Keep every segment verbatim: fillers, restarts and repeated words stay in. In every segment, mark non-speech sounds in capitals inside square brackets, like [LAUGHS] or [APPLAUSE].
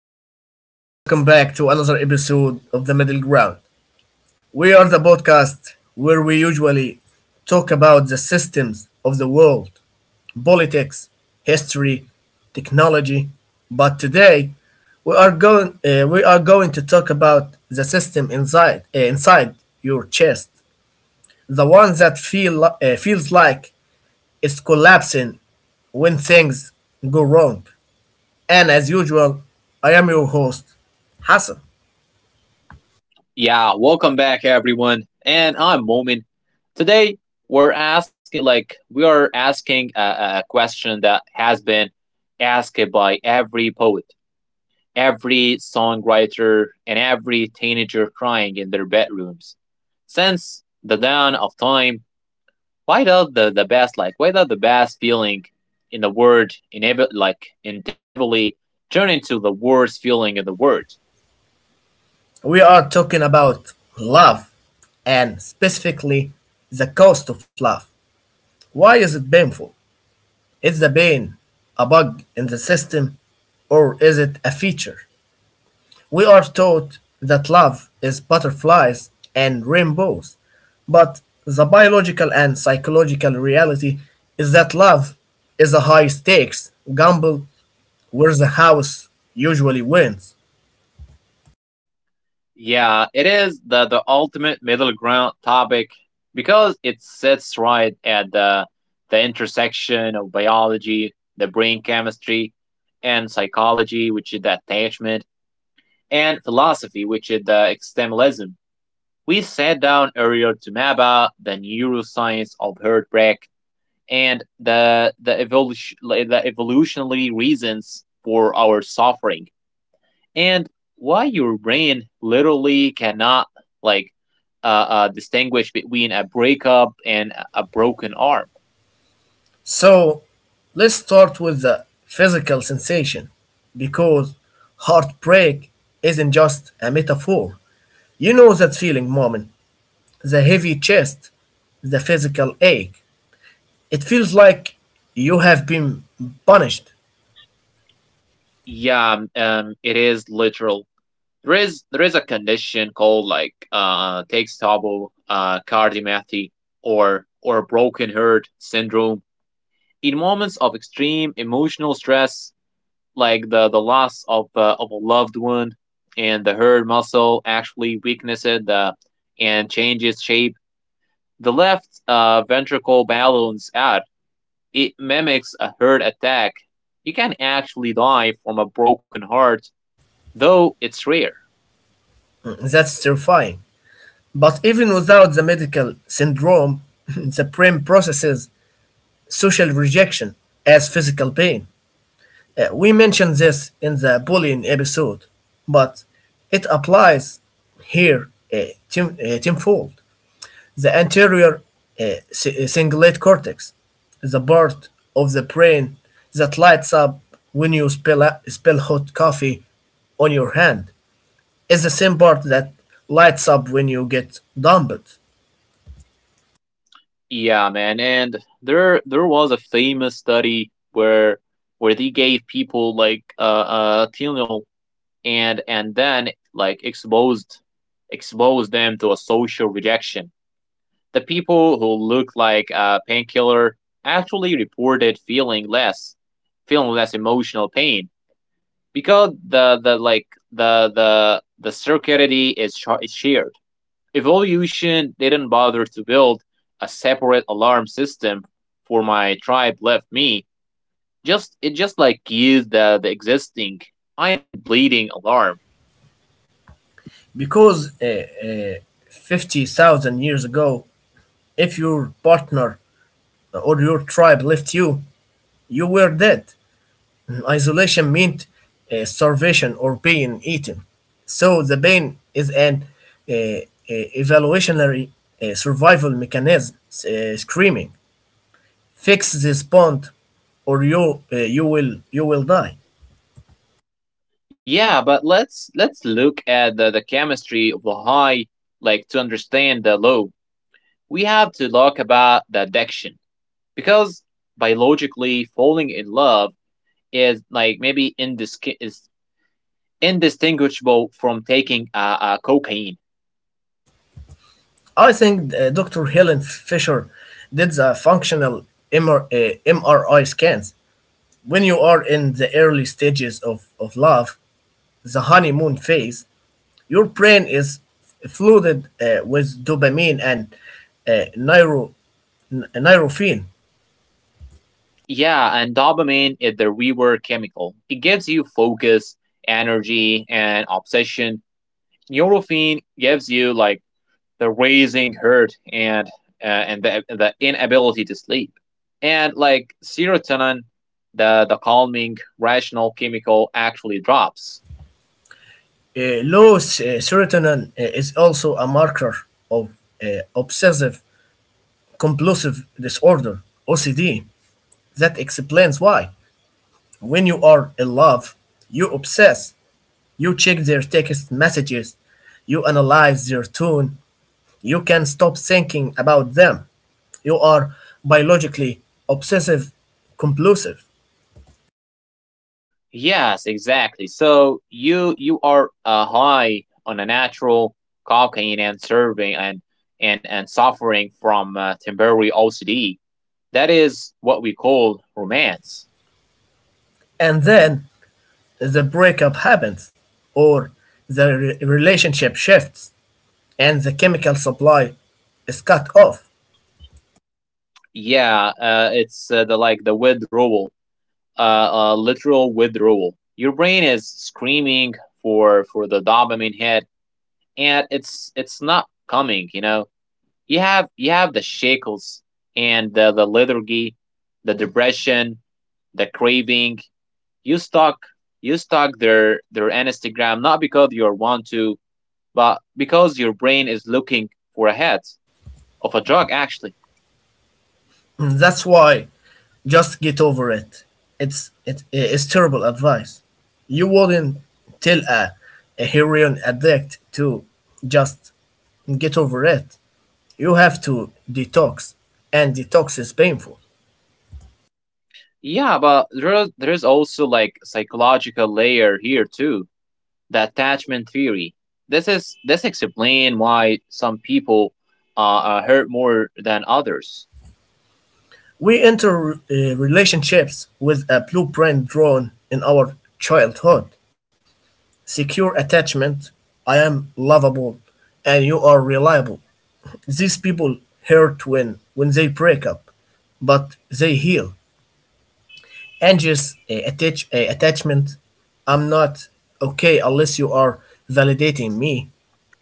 everyone, and welcome back to another episode of The Middle Ground. We are the podcast where we usually talk about the systems of the world, politics, history, technology, but today we are going uh, we are going to talk about the system inside uh, inside your chest, the one that feel uh, feels like it's collapsing when things go wrong. And as usual, I am your host, Hassan. Yeah, welcome back everyone. And I'm Momin. Today we're asking like we are asking a, a a question that has been asked by every poet, every songwriter, and every teenager crying in their bedrooms. Since the dawn of time, why does the, the best like why does the best feeling in the word in like inevitably devily turn into the worst feeling in the world? We are talking about love and specifically the cost of love. Why is it painful? Is the pain a bug in the system or is it a feature? We are taught that love is butterflies and rainbows, but the biological and psychological reality is that love is a high stakes gamble where the house usually wins. Yeah, it is the the ultimate middle ground topic because it sits right at the the intersection of biology, the brain chemistry, and psychology, which is the attachment, and philosophy, which is the extremism. We sat down earlier to map out the neuroscience of heartbreak and the the evolution the evolutionary reasons for our suffering and why your brain literally cannot like uh, uh, distinguish between a breakup and a- broken arm. So let's start with the physical sensation because heartbreak isn't just a metaphor. You know that feeling, Moment, the heavy chest, the physical ache. It feels like you have been punished. Yeah, um, um, it is literal. There is there is a condition called like uh Takes-Tabo uh cardiomyopathy or or broken heart syndrome. In moments of extreme emotional stress, like the the loss of uh, of a loved one, and the heart muscle actually weaknesses the and changes shape. The left uh, ventricle balloons out. It mimics a heart attack. You can actually die from a broken heart, though it's rare. Mm, that's terrifying. But even without the medical syndrome, [LAUGHS] the brain processes social rejection as physical pain. Uh, we mentioned this in the bullying episode, but it applies here uh, ten- uh, tenfold. The anterior uh, si- uh, cingulate cortex, the part of the brain that lights up when you spill, a- spill hot coffee on your hand, is the same part that lights up when you get dumped. Yeah, man, and there there was a famous study where where they gave people like uh, uh Tylenol and and then like exposed exposed them to a social rejection. The people who look like uh, painkiller actually reported feeling less, feeling less emotional pain because the the like the the the circuitry is, sh- is shared. Evolution didn't bother to build a separate alarm system for my tribe left me. Just it just like used the the existing I am bleeding alarm. Because uh, uh, fifty thousand years ago, if your partner or your tribe left you, you were dead. Isolation meant uh, starvation or being eaten. So the pain is an uh, uh, evolutionary uh, survival mechanism, uh, screaming, "Fix this bond, or you uh, you will you will die." Yeah, but let's let's look at the, the chemistry of the high like to understand the low. We have to talk about the addiction because, biologically, falling in love is like maybe indisc- is indistinguishable from taking uh, uh, cocaine. I think uh, doctor Helen Fisher did the functional M R, uh, M R I scans. When you are in the early stages of, of love, the honeymoon phase, your brain is flooded uh, with dopamine and uh, neuro, n- neurophine. Yeah, and dopamine is the reward chemical. It gives you focus, energy, and obsession. Neurophene gives you like the raising hurt and uh, and the the inability to sleep. And like serotonin, the the calming rational chemical actually drops. Uh, low s- uh, serotonin uh, is also a marker of uh, obsessive compulsive disorder, O C D. That explains why. When you are in love, you obsess, you check their text messages, you analyze their tone, you can stop thinking about them. You are biologically obsessive compulsive. Yes, exactly. So you you are uh, high on a natural cocaine and serving and and and suffering from uh, temporary O C D. That is what we call romance. And then the breakup happens, or the re- relationship shifts, and the chemical supply is cut off. Yeah, uh, it's uh, the like the withdrawal, uh, uh, literal withdrawal. Your brain is screaming for for the dopamine hit, and it's it's not coming. You know, you have you have the shackles and the, the lethargy, the depression, the craving. You stalk you stalk their their Instagram not because you want to, but because your brain is looking for a hit of a drug actually. And that's why just get over it. It's it, it's terrible advice. You wouldn't tell a, a heroin addict to just get over it. You have to detox, and detox is painful. Yeah, but there is- there is also like psychological layer here too. The attachment theory. This is this explain why some people uh, uh hurt more than others. We enter uh, relationships with a blueprint drawn in our childhood. Secure attachment. I am lovable and you are reliable. These people hurt when when they break up, but they heal. Anxious uh, attach, uh, attachment. I'm not okay unless you are validating me.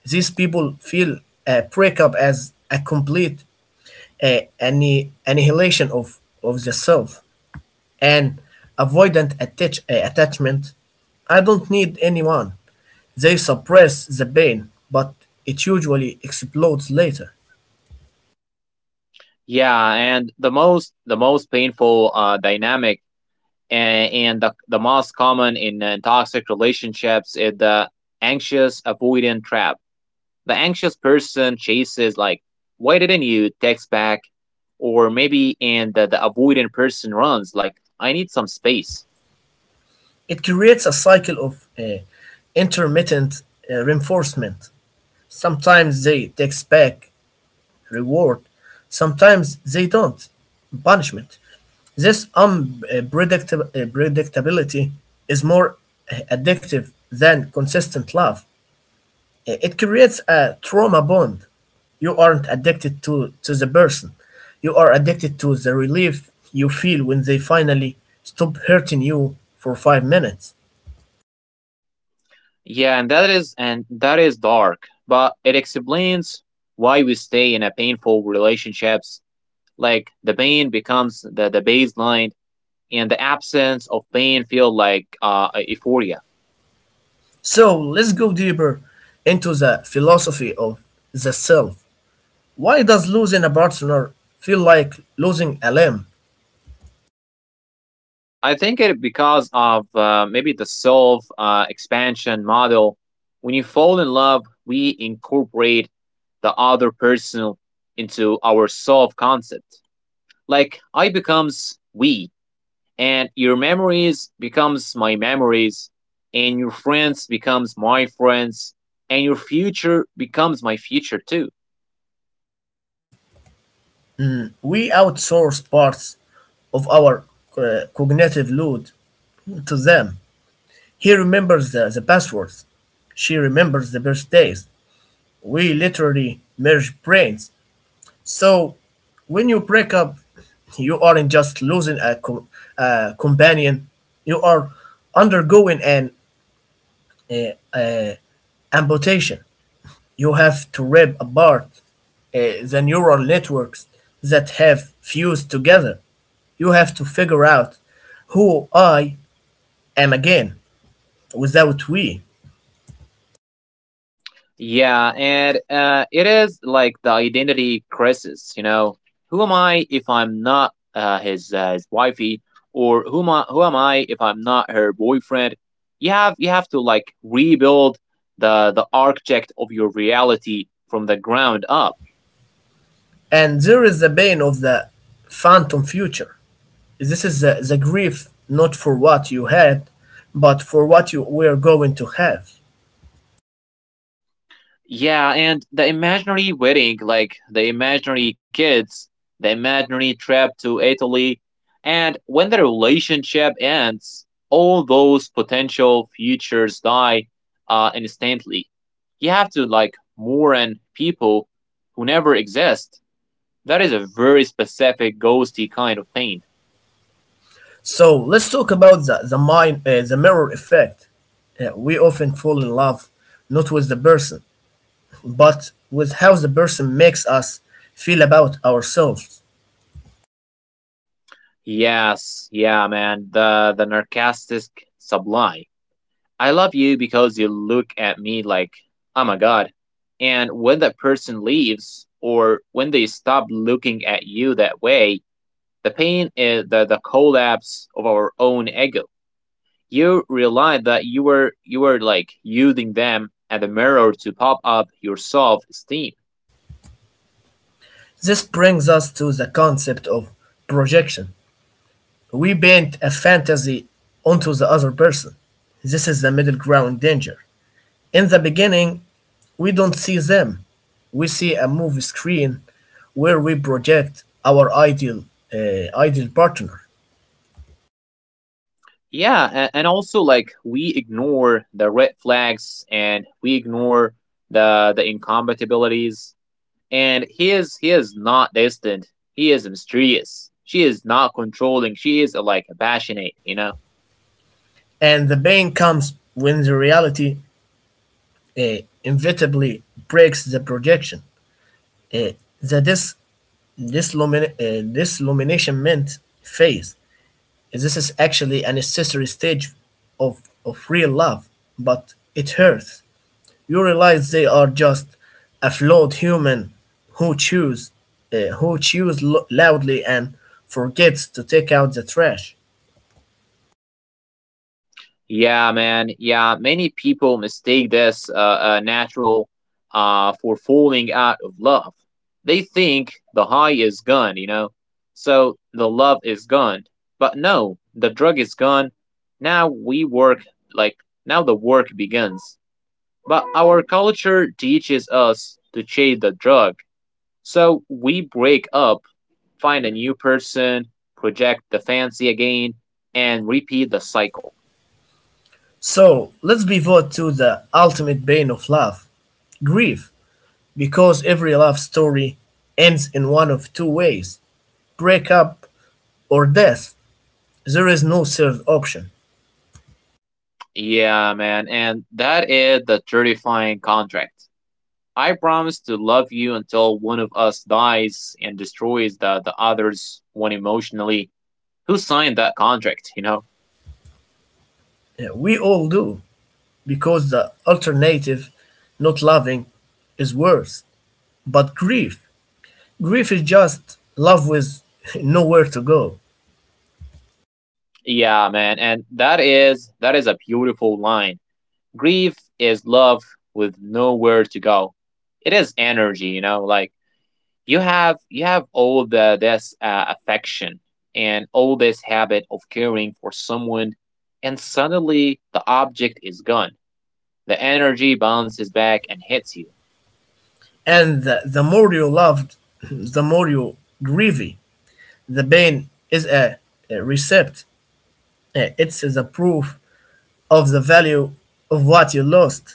These people feel a breakup as a complete uh, anni- annihilation of, of the self. And avoidant attach- uh, attachment. I don't need anyone. They suppress the pain, but it usually explodes later. Yeah, and the most the most painful uh dynamic and, and the, the most common in uh, toxic relationships is the anxious avoidant trap. The anxious person chases, like, why didn't you text back? Or maybe, and the, the avoidant person runs, like, I need some space. It creates a cycle of uh, intermittent uh, reinforcement. Sometimes they takes back reward, sometimes they don't. Punishment. This unpredictability is more uh, addictive than consistent love. I- it creates a trauma bond. You aren't addicted to to the person. You are addicted to the relief you feel when they finally stop hurting you for five minutes. Yeah, and that is and that is dark, but it explains why we stay in a painful relationships. Like the pain becomes the, the baseline and the absence of pain feel like uh, euphoria. So let's go deeper into the philosophy of the self. Why does losing a partner feel like losing a limb? I think it because of uh, maybe the self uh, expansion model. When you fall in love, we incorporate the other person into our self concept. Like I becomes we, and your memories becomes my memories, and your friends becomes my friends, and your future becomes my future too. We outsource parts of our uh, cognitive load to them. He remembers the, the passwords. She remembers the birthdays. We literally merge brains. So when you break up, you aren't just losing a, co- a companion, you are undergoing an uh, uh, amputation. You have to rip apart uh, the neural networks that have fused together. You have to figure out who I am again without we. Yeah, and uh, it is like the identity crisis. You know, who am I if I'm not uh, his uh, his wifey, or who am I, who am I if I'm not her boyfriend? You have you have to like rebuild the the architect of your reality from the ground up. And there is the pain of the phantom future. This is the, the grief not for what you had, but for what you were going to have. Yeah, and the imaginary wedding, like the imaginary kids, the imaginary trip to Italy, and when the relationship ends, all those potential futures die uh, instantly. You have to like mourn people who never exist. That is a very specific ghosty kind of pain. So let's talk about the, the mind, uh, the mirror effect. Uh, we often fall in love not with the person, but with how the person makes us feel about ourselves. Yes, yeah, man. The the narcissistic sublime. I love you because you look at me like I'm a god. And when that person leaves, or when they stop looking at you that way, the pain is the, the collapse of our own ego. You realize that you were you were like using them as a mirror to pop up your self esteem. This brings us to the concept of projection. We paint a fantasy onto the other person. This is the middle ground danger. In the beginning, we don't see them. We see a movie screen where we project our ideal uh, ideal partner, Yeah, and also like we ignore the red flags, and we ignore the the incompatibilities. And he is he is not distant. He is mysterious. She is not controlling. She is like passionate. You know. and the pain comes when the reality uh, inevitably breaks the projection. Uh, the dis dislumina- uh, disillumination phase. This is actually a necessary stage of, of real love, but it hurts. You realize they are just flawed human who chews, uh, who chews lo- loudly and forgets to take out the trash. Yeah, man. Yeah, many people mistake this uh, uh, natural uh, for falling out of love. They think the high is gone, you know, so the love is gone. But no, the drug is gone. Now we work, like, now the work begins. But our culture teaches us to chase the drug. So we break up, find a new person, project the fancy again, and repeat the cycle. So let's pivot to the ultimate bane of love, grief, because every love story ends in one of two ways: breakup or death. There is no third option. Yeah, man, and that is the terrifying contract. I promise to love you until one of us dies and destroys the, the other's one emotionally. Who signed that contract, you know? Uh, We all do because the alternative, not loving, is worse. But grief grief is just love with [LAUGHS] nowhere to go. Yeah, man, and that is that is a beautiful line. Grief is love with nowhere to go. It is energy, you know, like you have you have all the this uh, affection and all this habit of caring for someone, and suddenly the object is gone, the energy bounces back and hits you. And the, the more you loved, [CLEARS THROAT] the more you grievy. The pain is a, a recept. Uh, It's the proof of the value of what you lost.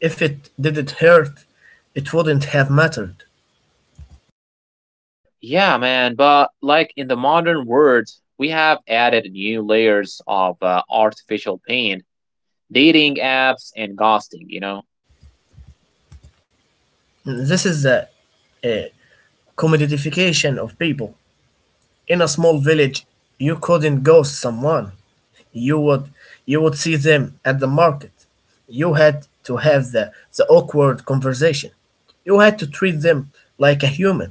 If it didn't hurt, it wouldn't have mattered. Yeah, man, but like in the modern world we have added new layers of uh, artificial pain, dating apps and ghosting, you know. This is a, a commodification of people. In a small village, you couldn't ghost someone. you would you would see them at the market. You had to have the, the awkward conversation. You had to treat them like a human.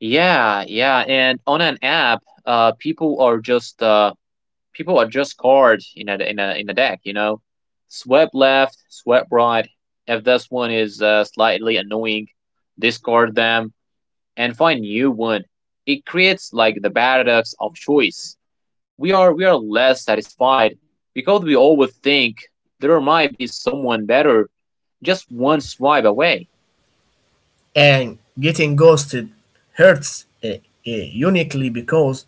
Yeah, yeah, and on an app, uh people are just uh people are just cards in a in a in the deck. You know, swept left, swept right. If this one is uh, slightly annoying, discard them and find new one. It creates like the paradox of choice. We are we are less satisfied because we always think there might be someone better, just one swipe away. And getting ghosted hurts uh, uh, uniquely because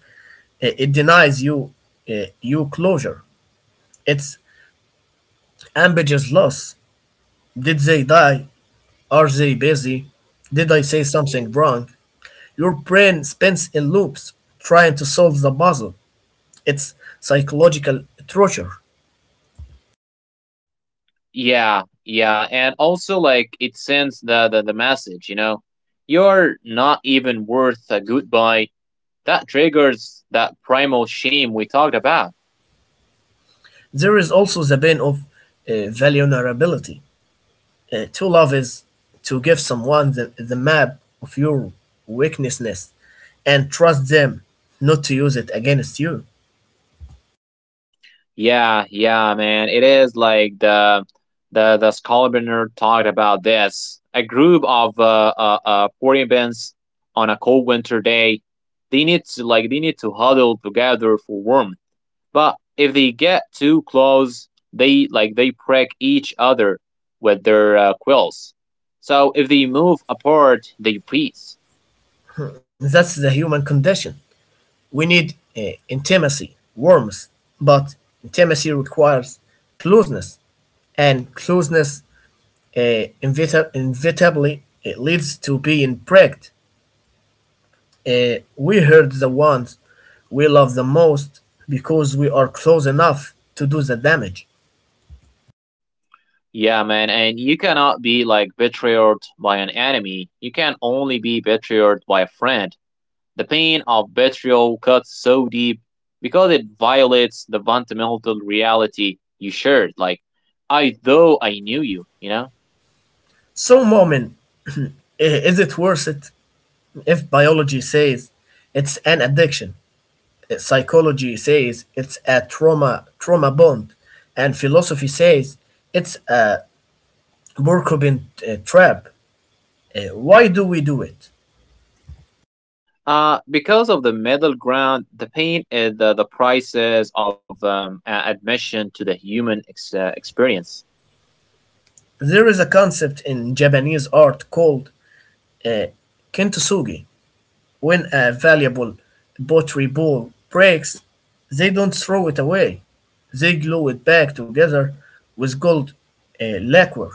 uh, it denies you uh, you closure. It's ambiguous loss. Did they die? Are they busy? Did I say something wrong? Your brain spins in loops trying to solve the puzzle. It's psychological torture. Yeah, yeah, and also like it sends the the, the message, you know, you're not even worth a goodbye. That triggers that primal shame we talked about. There is also the pain of uh, vulnerability. Uh, to love is to give someone the, the map of your weaknesses and trust them not to use it against you. Yeah, yeah, man. It is like the the the Skalbrenner talked about this. A group of uh, uh, uh Floridians on a cold winter day, they need to like they need to huddle together for warmth. But if they get too close, they like they prick each other with their uh, quills. So if they move apart, they freeze. [CLEARS THROAT] That's the human condition. We need uh, intimacy, warmth, but intimacy requires closeness, and closeness uh, inevita- inevitably it leads to being pricked. Uh, we hurt the ones we love the most because we are close enough to do the damage. Yeah, man, and you cannot be like betrayed by an enemy. You can only be betrayed by a friend. The pain of betrayal cuts so deep because it violates the fundamental reality you shared. Like, I though I knew you, you know. So, Momin, [CLEARS THROAT] i- is it worth it if biology says it's an addiction? uh, Psychology says it's a trauma trauma bond, and philosophy says it's a Burkobin uh, trap. Uh, why do we do it? Uh, because of the middle ground, the pain is the, the prices of um, a- admission to the human ex- uh, experience. There is a concept in Japanese art called uh, kintsugi. When a valuable pottery bowl breaks, they don't throw it away. They glue it back together with gold uh, lacquer.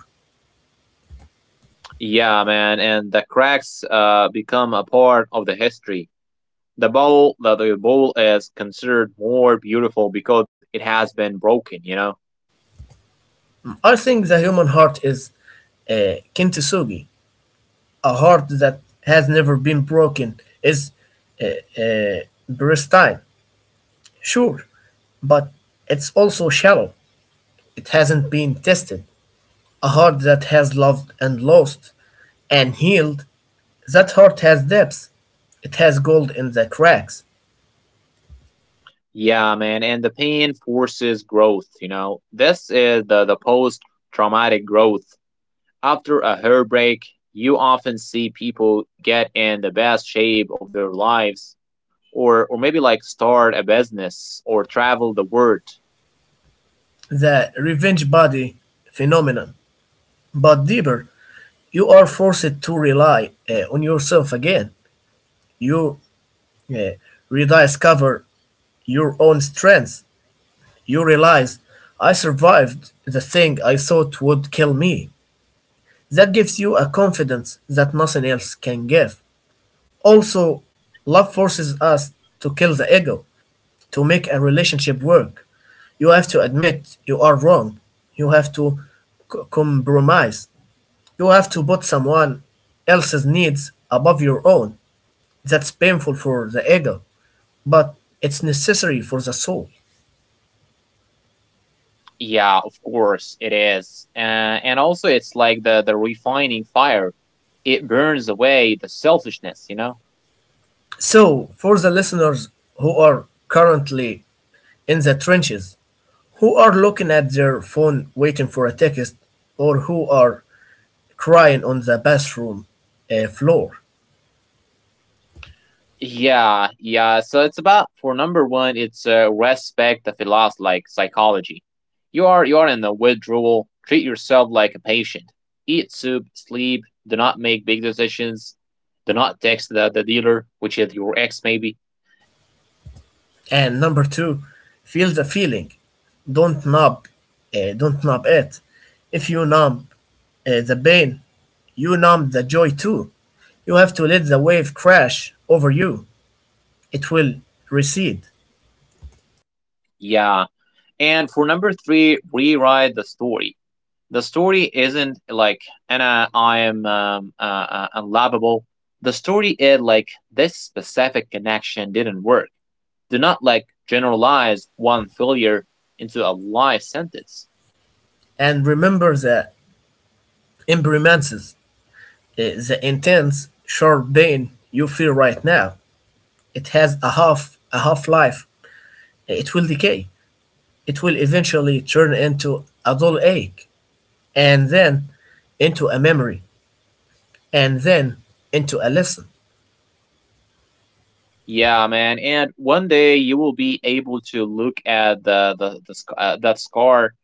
Yeah, man, and the cracks uh, become a part of the history. The bowl, the, the bowl is considered more beautiful because it has been broken, you know? I think the human heart is uh, kintsugi. A heart that has never been broken is uh, uh, pristine, sure, but it's also shallow. It hasn't been tested. A heart that has loved and lost and healed, that heart has depth, it has gold in the cracks, Yeah, man, and the pain forces growth, you know. This is the, the post traumatic growth. After a heartbreak, you often see people get in the best shape of their lives, or or maybe like start a business or travel the world. the revenge body phenomenon. But deeper, you are forced to rely uh, on yourself again. You uh, rediscover your own strengths. You realize, I survived the thing I thought would kill me. That gives you a confidence that nothing else can give. Also, love forces us to kill the ego, to make a relationship work. You have to admit you are wrong. You have to c- compromise. You have to put someone else's needs above your own. That's painful for the ego, but it's necessary for the soul. Yeah, of course it is. Uh, and also it's like the the refining fire. It burns away the selfishness, you know. So, for the listeners who are currently in the trenches, who are looking at their phone waiting for a text, or who are crying on the bathroom uh, floor. Yeah, yeah. So it's about for number one, it's uh, respect the philosophy like psychology. You are you are in the withdrawal. Treat yourself like a patient. Eat soup, sleep. Do not make big decisions. Do not text the, the dealer, which is your ex maybe. And number two, feel the feeling. Don't numb, uh, don't numb it. If you numb uh, the pain, you numb the joy too. You have to let the wave crash over you. It will recede. Yeah. And for number three, rewrite the story. The story isn't like Anna, I am um, uh, uh, unlovable. The story is like this specific connection didn't work. Do not like generalize one failure into a life sentence. And remember the impermanences, uh, the intense, sharp pain you feel right now. It has a half a half life. It will decay. It will eventually turn into a dull ache, and then into a memory and then into a lesson. Yeah, man. And one day you will be able to look at the the, the sc- uh, that scar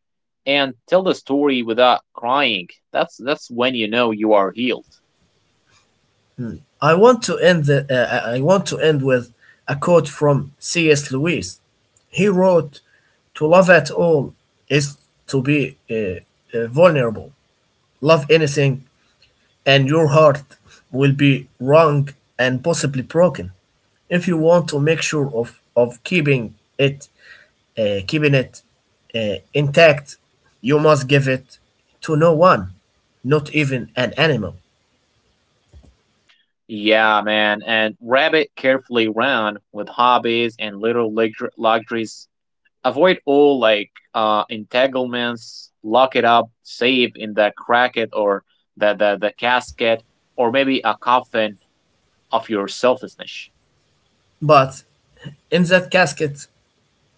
and tell the story without crying. That's that's when you know you are healed. I want to end the, uh, uh, I want to end with a quote from C S. Lewis. He wrote, "To love at all is to be uh, uh, vulnerable. Love anything, and your heart will be wrung and possibly broken. If you want to make sure of of keeping it, uh, keeping it uh, intact, you must give it to no one, not even an animal." Yeah, man. And wrap it carefully round with hobbies and little luxur- luxuries, avoid all like uh, entanglements, lock it up, save in the cracket, or the, the, the casket, or maybe a coffin of your selfishness. But in that casket,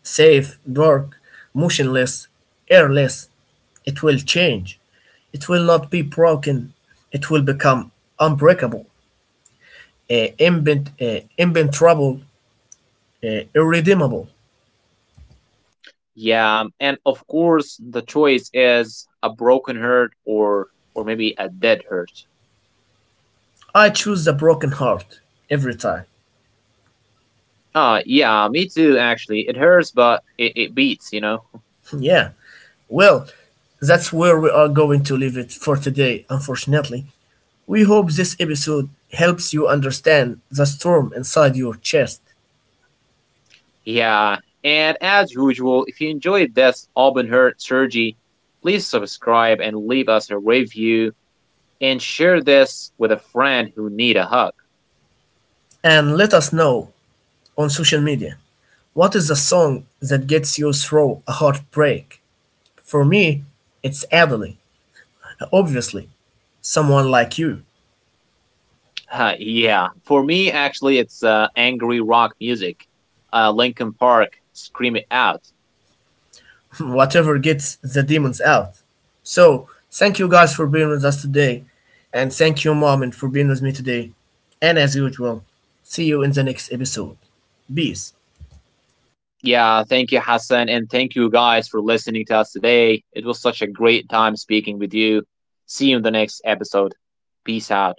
safe, dark, motionless, airless, it will change. It will not be broken. It will become unbreakable, uh, invent, uh, inventrable, uh, irredeemable. Yeah, and of course the choice is a broken hurt, or or maybe a dead hurt. I choose the broken heart every time. Uh, yeah, me too actually. It hurts but it, it beats, you know? [LAUGHS] Yeah. Well, that's where we are going to leave it for today, unfortunately. We hope this episode helps you understand the storm inside your chest. Yeah. And as usual, if you enjoyed this Auburn Hurt Surgery, please subscribe and leave us a review, and share this with a friend who need a hug. And let us know on social media. What is the song that gets you through a heartbreak? For me, it's Adele. Obviously, someone like you. Uh, yeah, for me actually, it's uh, angry rock music. Uh, Linkin Park, scream it out. [LAUGHS] Whatever gets the demons out. So, thank you guys for being with us today. And thank you, Mom, and for being with me today. And as usual, see you in the next episode. Peace. Yeah, thank you, Hassan, and thank you guys for listening to us today. It was such a great time speaking with you. See you in the next episode. Peace out.